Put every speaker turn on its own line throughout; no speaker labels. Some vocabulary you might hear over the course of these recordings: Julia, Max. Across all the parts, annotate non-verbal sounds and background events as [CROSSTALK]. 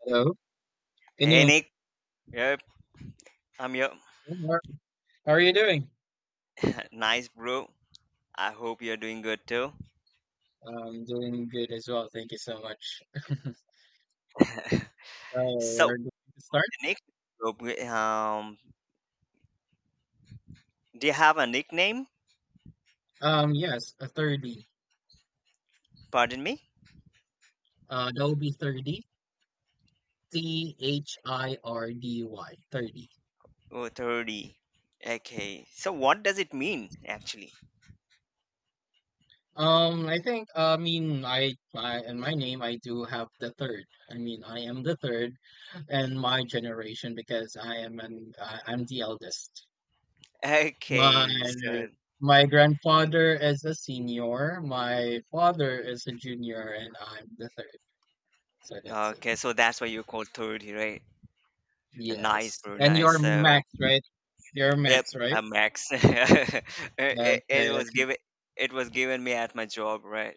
Hello. Can
Hey
you?
Nick, yep, I'm here.
How how are you doing?
[LAUGHS] Nice bro. I hope you're doing good too.
I'm doing good as well. Thank you so much. [LAUGHS] So
So,
we're going to start.
Nick, um, do you have a nickname?
Yes, a thirty.
Pardon me?
That would be thirty. Thirdy. Thirty.
Oh, 30. Okay, so what does it mean actually?
I think. I mean, I and my name. I do have the third. I mean, I am the third in my generation because I am an. I, I'm the eldest. My
Okay, so
my grandfather is a senior, my father is a junior, and I'm the third. So that's it.
okay, so that's why you call 30, right? Nice,
Yes.
bro,
And
nice.
you're
So,
Max, right? You're
yep,
Max, right?
I am Max. [LAUGHS] It was
Okay.
given it was given me at my job, right?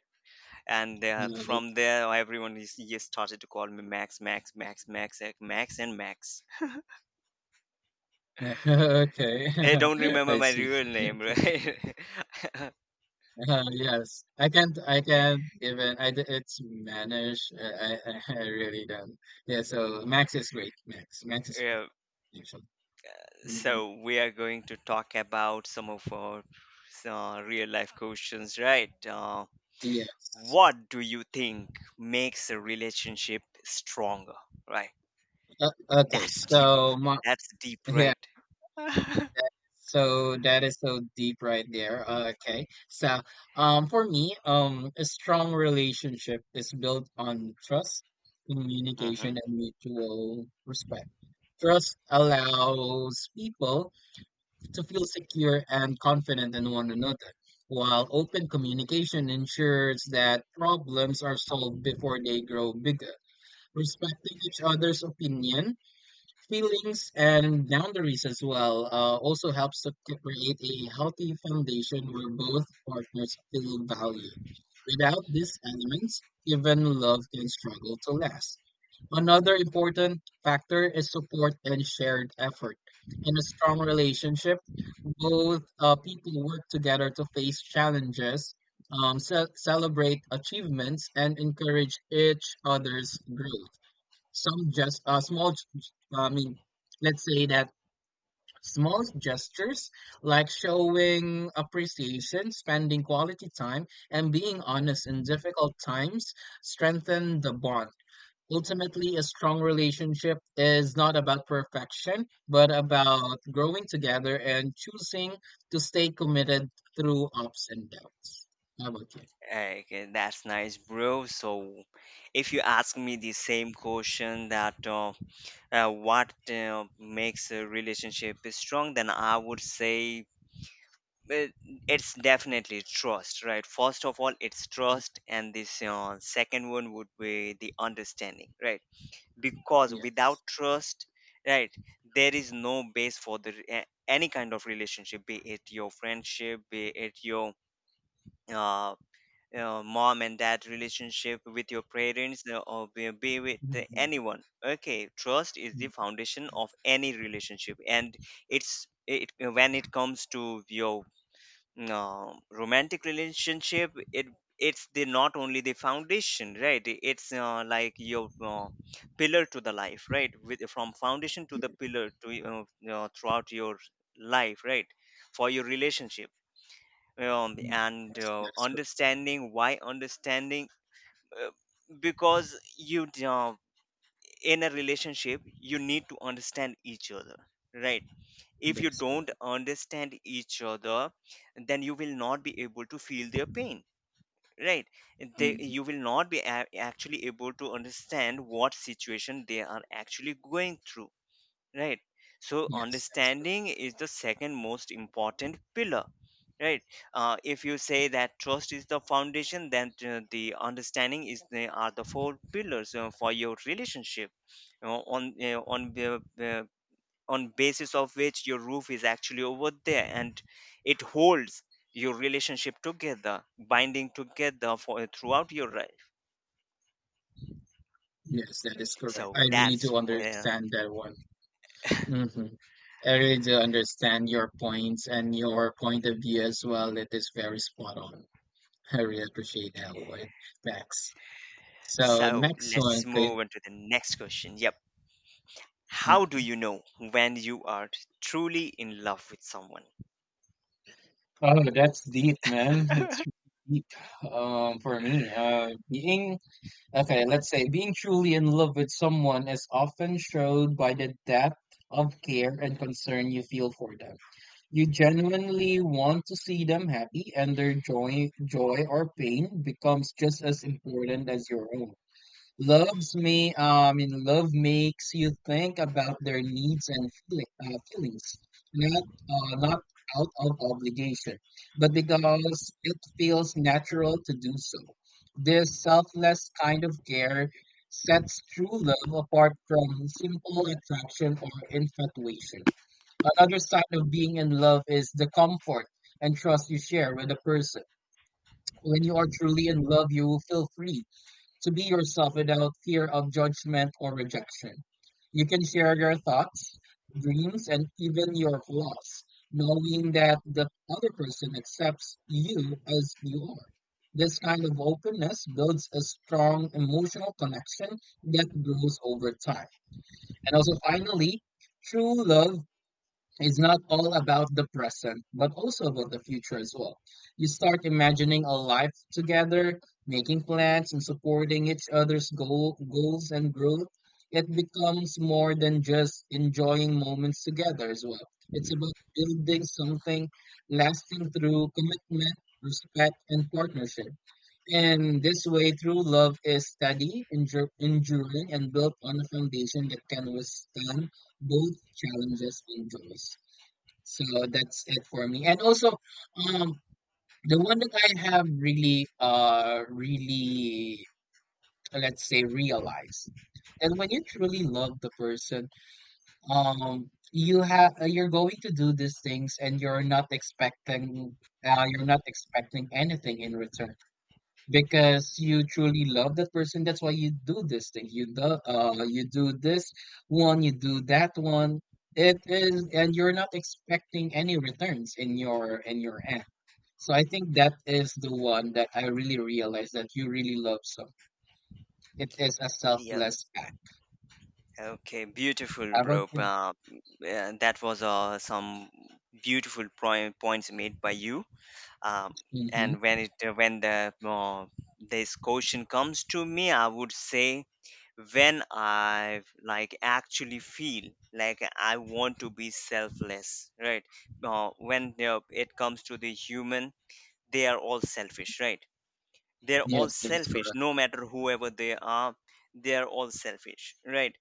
And from
Okay. [LAUGHS]
there everyone is just started to call me max max max max max and max
Okay.
they don't
[LAUGHS]
remember
I
my
see.
real name, right.
Yes, I can't. I can't even. I d- It's Manish. I [LAUGHS] I really don't. Yeah. So Max is great. Max. Max
[LAUGHS]
is great.
Yeah,
Actually. Mhm.
so we are going to talk about some of our real life questions, right?
Yes.
What do you think makes a relationship stronger, right?
Okay.
That's deep,
So my
that's deep,
Yeah,
right?
so that is so deep right there. For me, a strong relationship is built on trust, communication,
Mm-hmm.
and mutual respect. Trust allows people to feel secure and confident in one another, while open communication ensures that problems are solved before they grow bigger. Respecting each other's opinion feelings and boundaries as well also helps to create a healthy foundation where both partners feel valued. Without these elements, even love can struggle to last. Another important factor is support and shared effort. In a strong relationship, both people work together to face challenges, celebrate achievements, and encourage each other's growth some just small g- g- I mean let's say that small gestures like showing appreciation spending quality time and being honest in difficult times strengthen the bond ultimately a strong relationship is not about perfection but about growing together and choosing to stay committed through ups and downs how about you
Okay, that's nice, bro. So, if you ask me the same question, that what makes a relationship strong, then I would say uh, it's definitely trust, right? First of all, it's
Mm,
trust, and this second one would be the understanding, right? Because
yes.
without trust, right, there is no base for the any kind of relationship, be it your friendship, be it your uh, mom and dad relationship with your parents, or be with
Mhm,
anyone. Okay, trust is the
mhm,
foundation
mhm,
of any relationship, and it's it when it comes to your romantic relationship, it it's the not only the foundation, right, it's like your pillar to the life, right, with from foundation to the
yes.
pillar to throughout your life, right, for your relationship.
Mhm,
And
yes, that is correct.
understanding, why understanding? uh, because you in a relationship you need to understand each other, right? If
That
you
is correct.
don't understand each other, then you will not be able to feel their pain, right? They,
Mm,
you will not be actually able to understand what situation they are actually going through, right? So
yes, that is correct.
understanding is the second most important pillar, right? If you say that trust is the foundation, then the understanding is the are the four pillars for your relationship. You know, on the on basis of which your roof is actually over there, and it holds your relationship together, binding together for throughout your life.
Yes, that is correct.
So
I really
that's
do
when.
understand that one. Hmm. I really do understand your points and your point of view as well. It is very spot on. I really appreciate that one, Max. So
So
next one,
let's
okay.
move on to the next question, yep. How do
Mhm.
you know when you are truly in love with someone?
Oh, that's deep, man. It's really deep. For me, being Okay, let's say being truly in love with someone is often showed by the depth of care and concern you feel for them. You genuinely want to see them happy, and their joy or pain becomes just as important as your own. Loves may, I mean, Love makes you think about their needs and feelings, not out of obligation, but because it feels natural to do so. This selfless kind of care sets true love apart from simple attraction or infatuation. Another sign of being in love is the comfort and trust you share with a person. When you are truly in love, you will feel free to be yourself without fear of judgment or rejection. You can share your thoughts, dreams, and even your flaws, knowing that the other person accepts you as you are. This kind of openness builds a strong emotional connection that grows over time. And also, finally, true love it's not all about the present, but also about the future as well. You start imagining a life together, making plans and supporting each other's goals and growth. It becomes more than just enjoying moments together as well. It's about building something lasting through commitment, respect, and partnership. And this way, true love is steady, enduring, and built on a foundation that can withstand both challenges and joys. So that's it for me. And also, um, the one that I have let's say, realized that when you truly love the person, you're going to do these things, and you're not expecting anything in return because you truly love that person that's why you do this thing you do this one you do that one it is and you're not expecting any returns in your end so I think that is the one that I really realized that you really love so it is a
Yep.
selfless act
Okay, beautiful,
how about
bro.
you.
Yeah, that was some beautiful points made by you. Um,
Mm-hmm.
and when it when the this question comes to me, I would say when I like actually feel like I want to be selfless, right? When it comes to the human, they are all selfish, right? They're all
Yes, that is
selfish
correct.
no matter whoever they are, they're all selfish, right?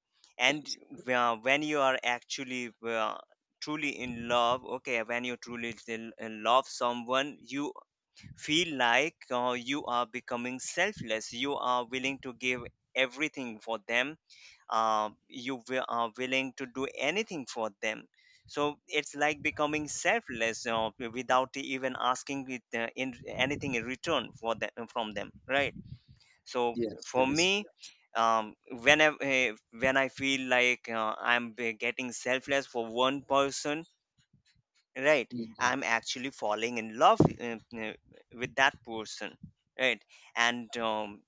That
And
is,
when you are actually truly in love, okay, when you truly in love someone, you feel like you are becoming selfless, you are willing to give everything for them, you are willing to do anything for them. So it's like becoming selfless, you know, without even asking it, in anything in return for them from them, right? So
yes,
for
that is
me,
correct.
whenever when I feel like I'm getting selfless for one person, right?
Mhm.
I'm actually falling in love with that person, right? And um,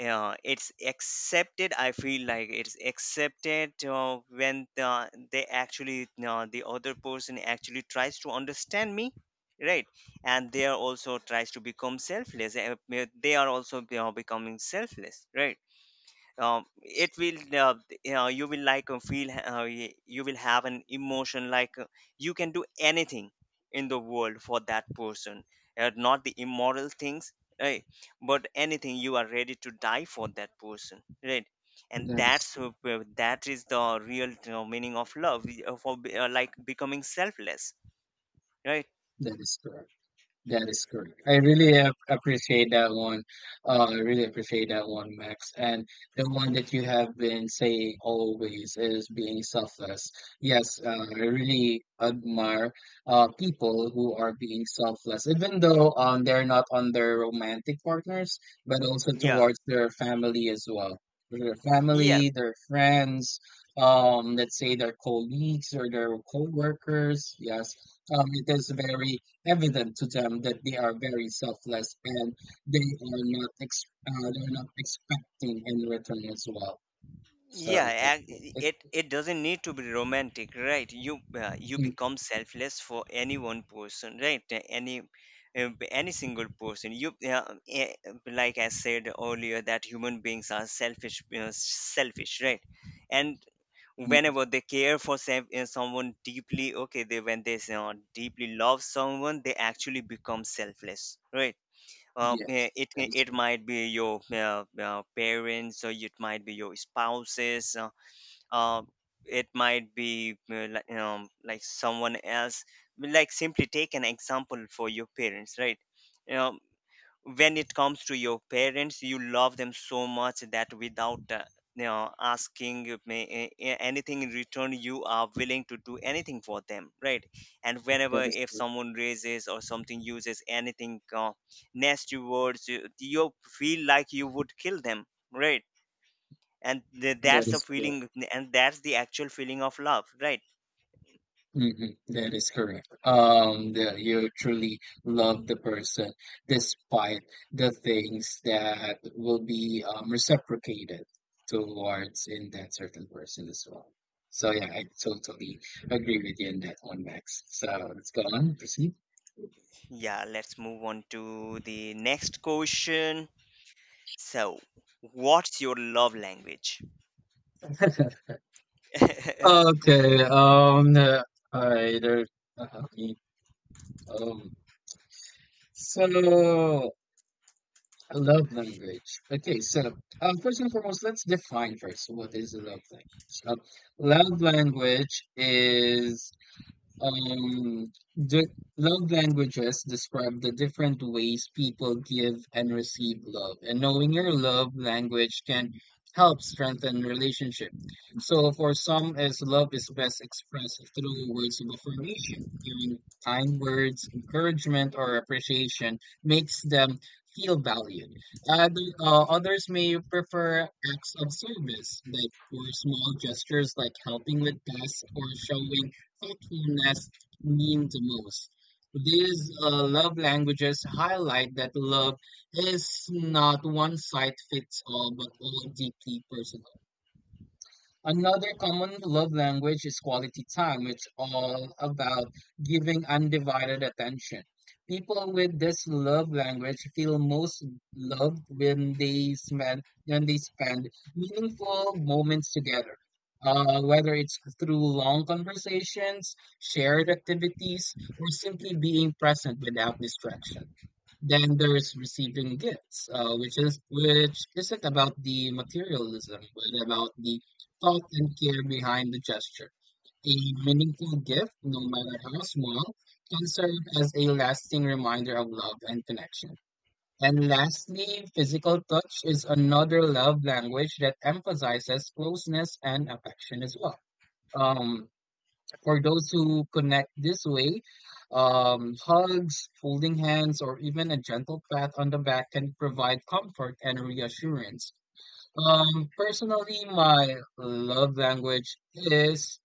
uh, it's accepted, I feel like it's accepted when they actually the other person actually tries to understand me, right? And they are also tries to become selfless, they are also, you know, becoming selfless, right? It will you will like feel you will have an emotion like you can do anything in the world for that person, not the immoral things, right? But anything, you are ready to die for that person, right? And
That is
that's
correct.
that is the real meaning of love, like becoming selfless, right?
That is correct. That is correct. Appreciate that one. I really appreciate that one, Max. And the one that you have been saying always is being selfless. Yes, I really admire people who are being selfless, even though they're not on their romantic partners, but also
Yeah,
towards their family as well. Their family,
yes,
their friends, let's say their colleagues or their co-workers. Yes, it is very evident to them that they are very selfless and they're not expecting in return as well. So
yeah,
that's it.
it
It-
it doesn't need to be romantic, right? You you
you-
become selfless for any one person, right? Any any single person you like I said earlier that human beings are selfish, you know, selfish, right? And
you-
whenever they care for someone deeply, okay, they when they deeply love someone, they actually become selfless, right?
yes,
It
that is
it might be your parents, or it might be your spouses, uh, it might be like someone else, like simply take an example for your parents, right? When it comes to your parents, you love them so much that without you know, asking me anything in return, you are willing to do anything for them, right? And
that
whenever
is
if someone raises or something uses anything nasty words, you feel like you would kill them, right? And
that
that's the
is correct.
feeling, and that's the actual feeling of love, right?
Mhm, that is correct. The, you truly love the person despite the things that will be reciprocated towards in that certain person as well. So yeah, I totally agree with you on that one, Max. So let's go on, proceed.
Yeah, let's move on to the next question. So what's your love language? [LAUGHS]
Okay. All right. there- okay, um. So A love language. First and foremost, let's define first what is a love language. Love language is the Love languages describe the different ways people give and receive love, and knowing your love language can help strengthen relationship. So, for some, as love is best expressed through words of affirmation, hearing kind words, encouragement, or appreciation makes them feel valued. Others may prefer acts of service, like or small gestures, like helping with tasks or showing thoughtfulness mean the most. These love languages highlight that love is not one size fits all, but all deeply personal. Another common love language is quality time. It's all about giving undivided attention. People with this love language feel most loved when they spend meaningful moments together. Whether it's through long conversations, shared activities, or simply being present without distraction. Then there's receiving gifts, which isn't about the materialism, but about the thought and care behind the gesture. A meaningful gift, no matter how small, can serve as a lasting reminder of love and connection. And lastly, physical touch is another love language that emphasizes closeness and affection as well. Um, for those who connect this way, hugs, holding hands, or even a gentle pat on the back can provide comfort and reassurance. Personally, my love language is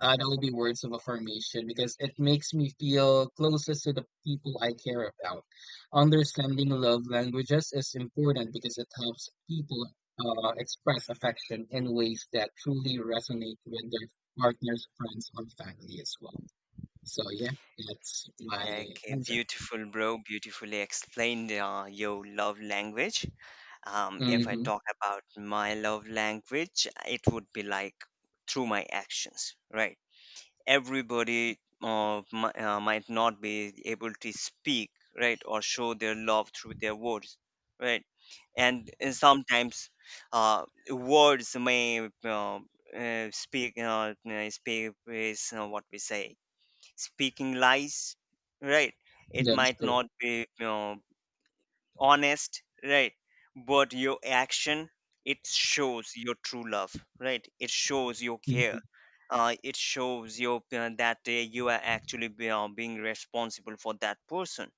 that would be words of affirmation because it makes me feel closest to the people I care about. Understanding love languages is important because it helps people express affection in ways that truly resonate with their partners, friends, or family as well. So yeah, that's my
Okay,
answer.
beautiful, bro. Beautifully explained your love language. If I
Mm-hmm.
talk about my love language, it would be like through my actions, right? Everybody might not be able to speak, right, or show their love through their words, right? And sometimes words may speak is what we say, speaking lies, right? It
That is
might
correct.
not be, you know, honest, right? But your action, it shows your true love, right? It shows your
Hmm.
care. It shows your that you are actually being responsible for that person,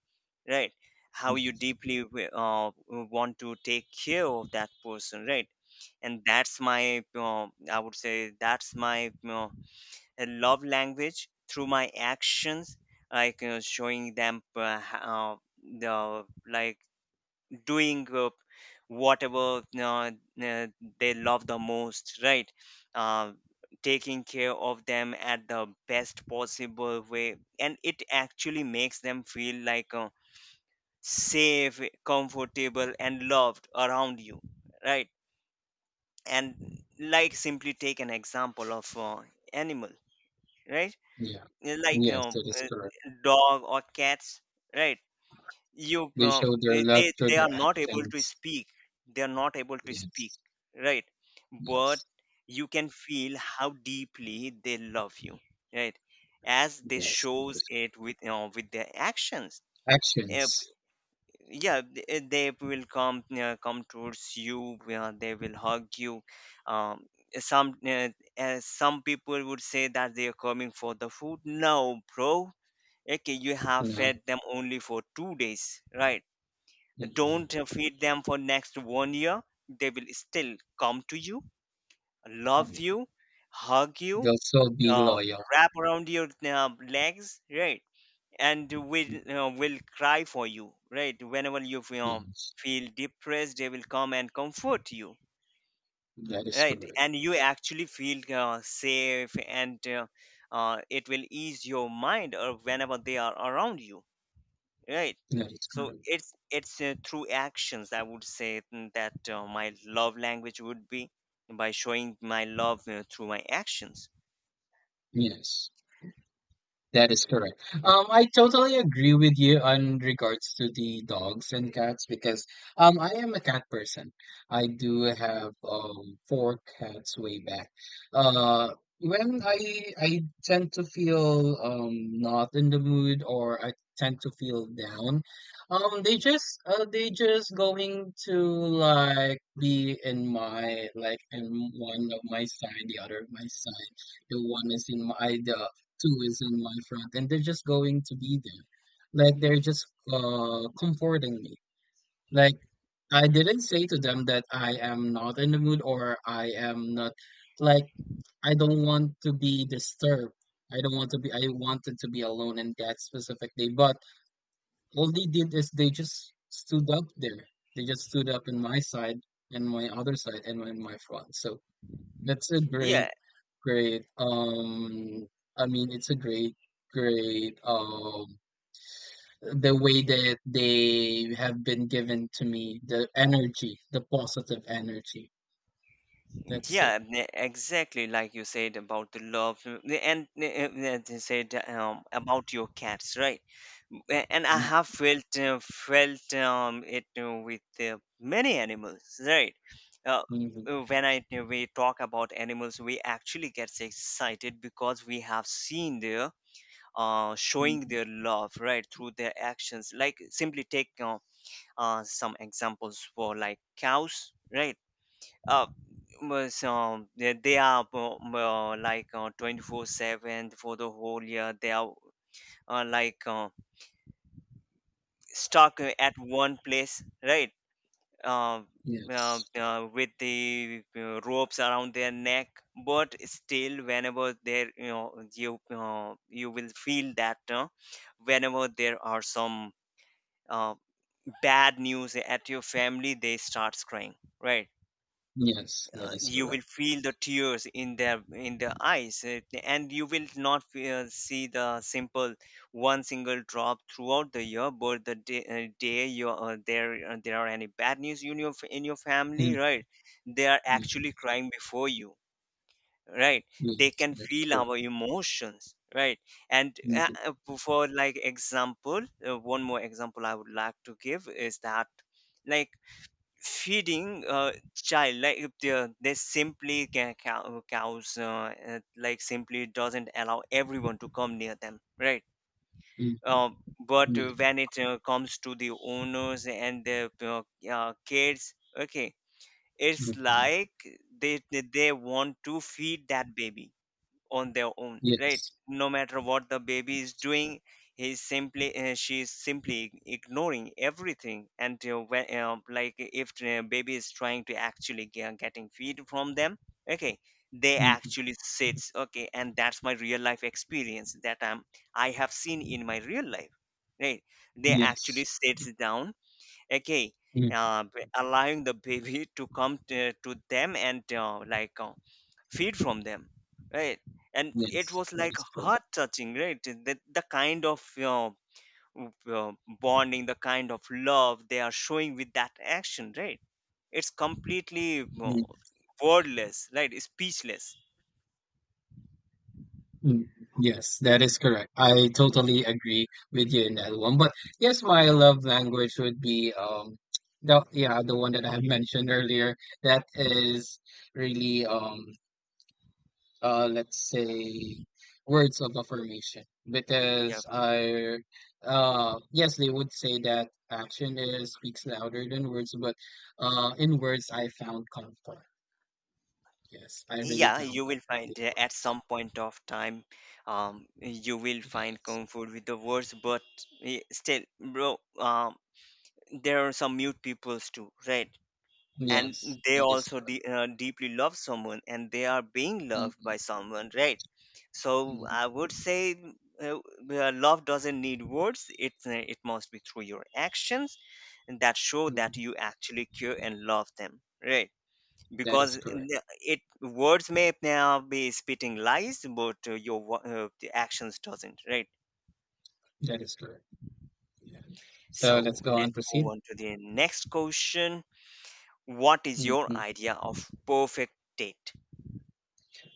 right? How you
Yes.
deeply want to take care of that person, right? And that's my, I would say, that's my a love language through my actions, like you know, showing them the like doing whatever uh, they love the most, right? uh, Taking care of them at the best possible way, and it actually makes them feel like safe, comfortable and loved around you, right? And like simply take an example of animal, right?
Yeah.
uh, like you
Yes,
know,
that is
uh,
correct.
Dog or cats, right? You
They show their love through
they
their
are not able to
actions.
speak, they are not able to speak,
Yes.
right? But
Yes.
you can feel how deeply they love you, right? As they
Yes.
shows it with, you know, with their actions.
Actions,
uh, yeah, they will come come towards you, they will hug you. um, some uh, some people would say that they are coming for the food. No bro, okay, you have
you know,
fed them only for 2 days, right?
mm,
Don't feed them for next one year, they will still come to you, love
mm,
you, hug you,
they'll still be
uh,
loyal.
wrap around your legs, right? And will cry for you, right? Whenever you
Yes,
feel depressed, they will come and comfort you,
that is
right?
correct.
And you actually feel safe, and it will ease your mind or whenever they are around you, right?
That is
So
correct.
it's through actions I would say, mm, that my love language would be by showing my love through my actions.
Yes. That is correct. I totally agree with you on regards to the dogs and cats because I am a cat person. I do have four cats way back. Uh, when I tend to feel not in the mood or I tend to feel down, they just going to like be in my like in one of my side, the other of my side the one is in my the too is in my front, and they're just going to be there. Like they're just comforting me. Like I
Hmm,
didn't say to them that I am not in the mood or I am not like I don't want to be disturbed. I don't want to be I wanted to be alone in that specific day. But all they did is they just stood up there. They just stood up in my side and my other side and my front. So that's a great
yeah.
Great. It's a great, great. The way that they have been given to me, the energy, the positive energy. That's it.
Yeah, exactly like you said about the love, and they said, about your cats, right? And I
Mm,
have felt felt it with many animals, right? Uh,
mhm,
when I we talk about animals, we actually get excited because we have seen their showing
mhm.
their love, right, through their actions. Like simply take some examples for like cows, right? uh, well, so they are 24/7 for the whole year. They are uh, like uh, stuck at one place, right? Uh,
Yes,
with the ropes around their neck, but still, whenever there, you know, you you will feel that whenever there are some uh, bad news at your family, they starts crying, right?
yes, that is
You will
correct.
feel the tears in their eyes, and you will not see the simple one single drop throughout the year, but the day, day you there there are any bad news in your family,
Mm,
right? They are
yeah,
actually crying before you, right? They
yes,
can
that is
feel
correct.
our emotions, right? and
Mhm,
for like example One more example I would like to give is that, like, feeding a child. Like, if they simply cows like simply doesn't allow everyone to come near them, right?
mhm,
um, but
yeah,
When it comes to the owners and the kids, okay, it's
mhm.
like they want to feed that baby on their own, right?
Yes,
No matter what the baby is
yes,
doing, he's simply she's simply ignoring everything, and like, if the baby is trying to actually getting feed from them, okay, they
mhm,
actually sits, okay. And that's my real life experience that I'm I have seen in my real life, right? They actually
yes,
sits down, okay,
mm,
allowing the baby [LAUGHS] to come to them and like feed from them, right? And it
yes,
was,
that
like,
is correct.
heart touching, right? The kind of w- uh, bonding, the kind of love they are showing with that action, right? It's completely wordless, right? Speechless.
Mm, yes, that is correct. I totally agree with you in that one. But yes, my love language would be the yeah, the one that I have mentioned earlier. That is really let's say words of affirmation.
Yeah,
Because I yes, they would say that action is speaks louder than words, but in words I found comfort. Yes, I really
yeah.
found
You will
comfort
find,
in
at
words.
some point of time, you will find
Yes.
comfort with the words, but still, bro, there are some mute peoples too, right? And
Yes,
they
that is
also
correct.
deeply love someone, and they are being loved
Mhm,
by someone, right? So
mhm,
I would say, uh, love doesn't need words. It it must be through your actions, and that show that
mhm.
you actually care and love them, right?
That
Because
is correct.
it words may now be spitting lies, but the actions doesn't, right?
That is correct. Yeah. So let's
So
go on
let's move
proceed.
on to the next question. What is your
Mhm.
idea of perfect date?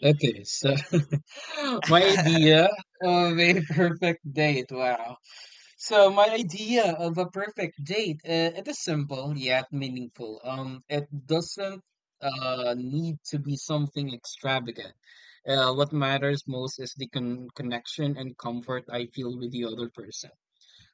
Okay, so [LAUGHS] my
[LAUGHS]
idea of a perfect date. Wow. So my idea of a perfect date, it is simple yet meaningful. It doesn't need to be something extravagant. What matters most is the connection and comfort I feel with the other person.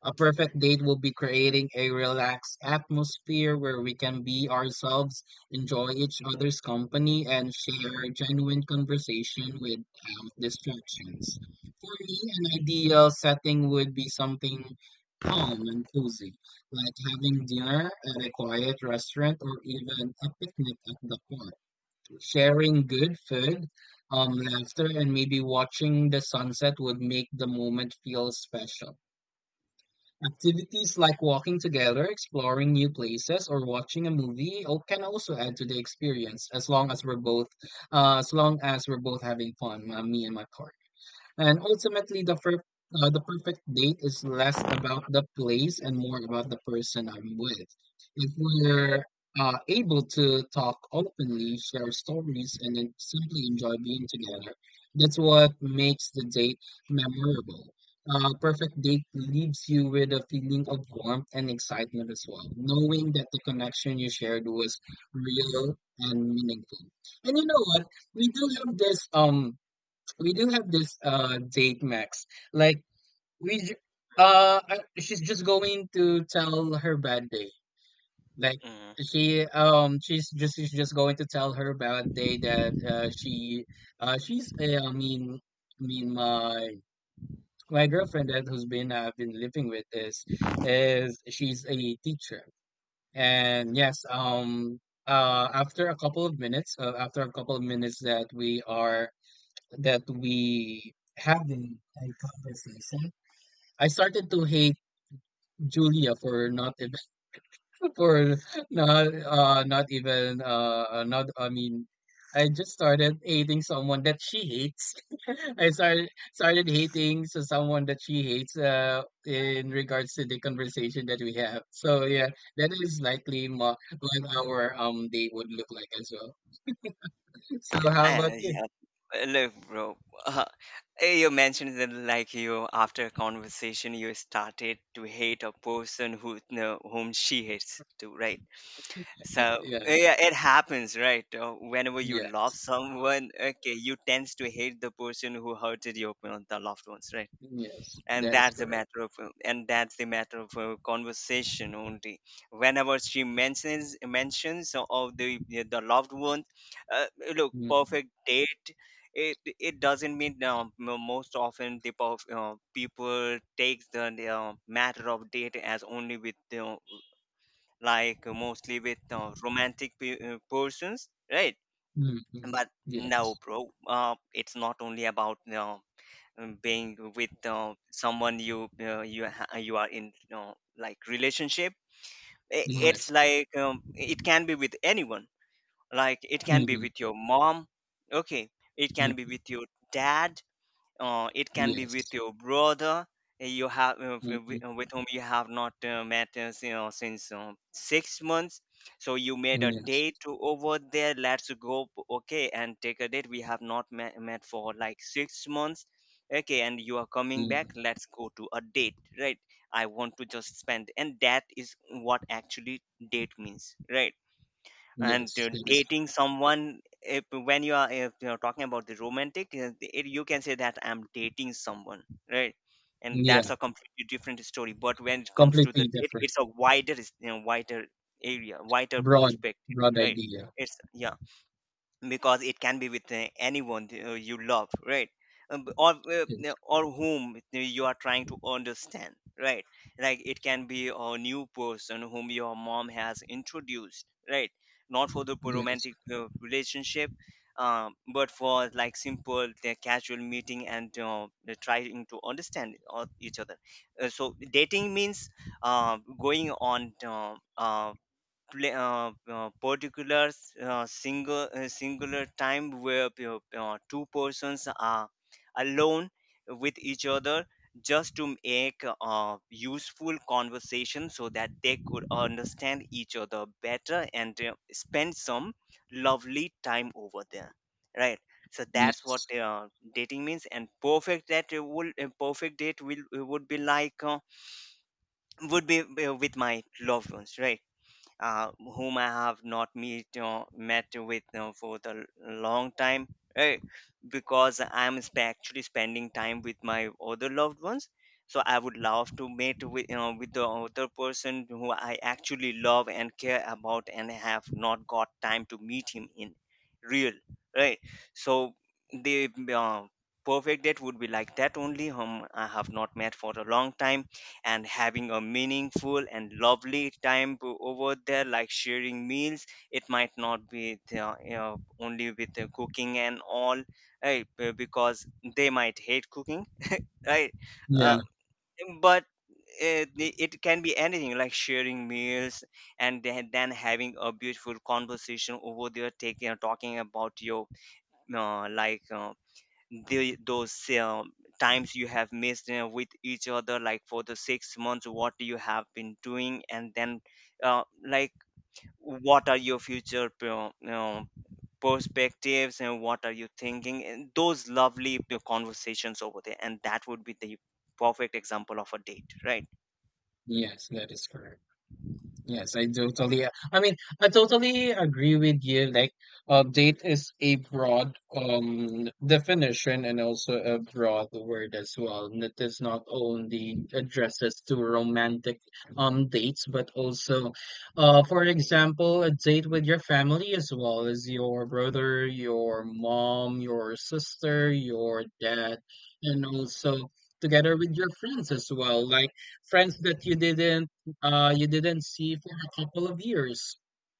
A perfect date will be creating a relaxed atmosphere where we can be ourselves, enjoy each other's company, and share genuine conversation without distractions. For me, an ideal setting would be something calm and cozy, like having dinner at a quiet restaurant or even a picnic at the park. Sharing good food, laughter, and maybe watching the sunset would make the moment feel special. Activities like walking together, exploring new places, or watching a can also add to the experience as long as we're both as long as we're both having fun, me and my partner. And ultimately, the perfect date is less about the place and more about the person I'm with. If we're able to talk openly, share stories, and then simply enjoy being together, that's what makes the date memorable. Perfect date leaves you with a feeling of warmth and excitement as well, knowing that the connection you shared was real and meaningful. And you know what? We do have this we do have this date max, like we j- she's just going to tell her bad day, like
Mhm.
she's just going to tell her bad day that she she's I mean my my girlfriend that who's been I've been living with is, she's a teacher. And yes, after a couple of minutes, that we are, that we having a conversation, I started to hate Julia for not even, [LAUGHS] for not not even not I mean I just started hating someone that she hates. [LAUGHS] I started hating someone that she hates in regards to the conversation that we have. So yeah, that is what our day would look like as well. So how about you?
Yeah. Look, bro, [LAUGHS] uh, you mentioned that, like, you, after a conversation, you started to hate a person who, no, whom she hates too, right? So
Yes,
yeah, it happens, right? Whenever you
yes,
love someone, okay, you tends to hate the person who hurted your the loved ones, right?
yes,
and
that is
that's the
correct.
matter of uh, and that's the matter of conversation only, whenever she mentions of the loved one. uh, Look,
Mhm.
perfect date, it doesn't mean, most often the people take the matter of date as only with, like, mostly with romantic persons, right?
Mhm.
But no,
Yes.
bro, it's not only about being with someone you are in, like, relationship. I- it's
Yes.
like, it can be with anyone. Like, it can be
Mhm.
with your mom, okay. It can be
Mhm.
with your dad. It can be
Yes.
with your brother. You have,
Mhm.
with whom you have not, met, since 6 months. So you made a
Yes.
date to over there, let's go, okay, and take a date, we have not met for like 6 months, okay, and you are coming
Mhm.
back, let's go to a date, right? I want to just spend, and that is what actually date means, right? And
Yes. That is good.
dating someone, if you're talking about the romantic, you can say that I'm dating someone, right? And that's
Yeah.
a completely different story. But when it comes to the
Completely
date,
different.
it's a wider, wider area, wider
Broad,
perspective,
broad
right?
idea.
It's, yeah, because it can be with anyone you love, right? Or
Yes.
whom you are trying to understand, right? Like, it can be a new person whom your mom has introduced, right? Not for the
That is.
romantic relationship, but for, like, simple, casual meeting, and the trying to understand each other. So dating means, uh, going on, uh, pla particular, single singular time, where you two persons are alone with each other, just to make a useful conversation so that they could understand each other better, and spend some lovely time over there, right? So that's what
Yes.
dating means. And perfect that will a perfect date will would be like would be, with my loved ones, right? Whom I have not meet met with, for the long time, right? Because actually spending time with my other loved ones. So I would love to meet with the other person who I actually love and care about, and have not got time to meet him in real, right? So the perfect date would be like that only, whom I have not met for a long time, and having a meaningful and lovely time over there, like sharing meals. It might not be only with the cooking and all, right? Because they might hate cooking, right?
Yeah.
Uh, but it can be anything, like sharing meals, and then having a beautiful conversation over there, taking talking about your like, the those um, times you have missed, with each other, like for the 6 months, what you have been doing, and then like, what are your future, perspectives, and what are you thinking, and those lovely conversations over there, and that would be the perfect example of a date, right?
Yes. That is correct. Yes, I totally. I mean, I totally agree with you. Like, date is a broad definition and also a broad word as well. And it is not only addresses to romantic dates, but also, for example, a date with your family as well as your brother, your mom, your sister, your dad, and also together with your friends as well. Like friends that you didn't see for a couple of years,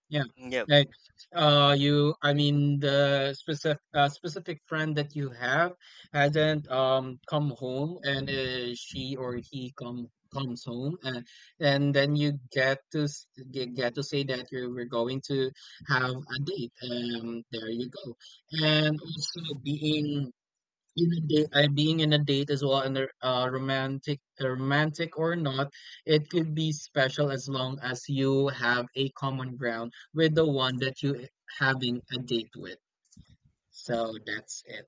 yeah,
Yeah.
like you I mean the specific friend that you have hasn't come home and, she or he comes home, and then you get to say that you were going to have a date, and there you go. And also being in being in a date as well. And a romantic or not, it could be special as long as you have a common ground with the one that you having a date with. So that's it.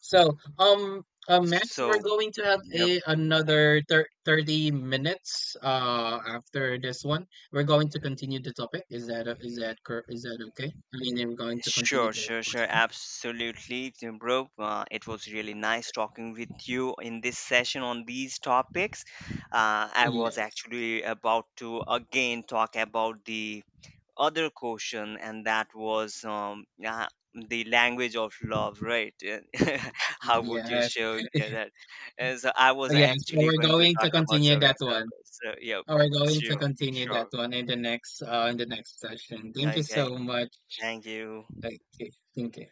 So max,
So
we're going to have
yeah,
a 30 minutes after this one. We're going to continue the topic. Is that a- is that cor- Is that okay? I mean, we're going to continue
sure,
the
sure, sure.
question.
Absolutely, bro. It was really nice talking with you in this session on these topics. I was
Yes,
actually about to again talk about the other question, and that was the language of love, right? [LAUGHS] How would you
yes.
show that? So I was
Yes, well,
actually
we're
going to
going
talk
to
about
continue
some
that one.
examples. So, yeah,
We're going to
sure,
continue that
sure.
one in the next session. Thank you
Okay,
so much.
thank you.
Okay, thank you.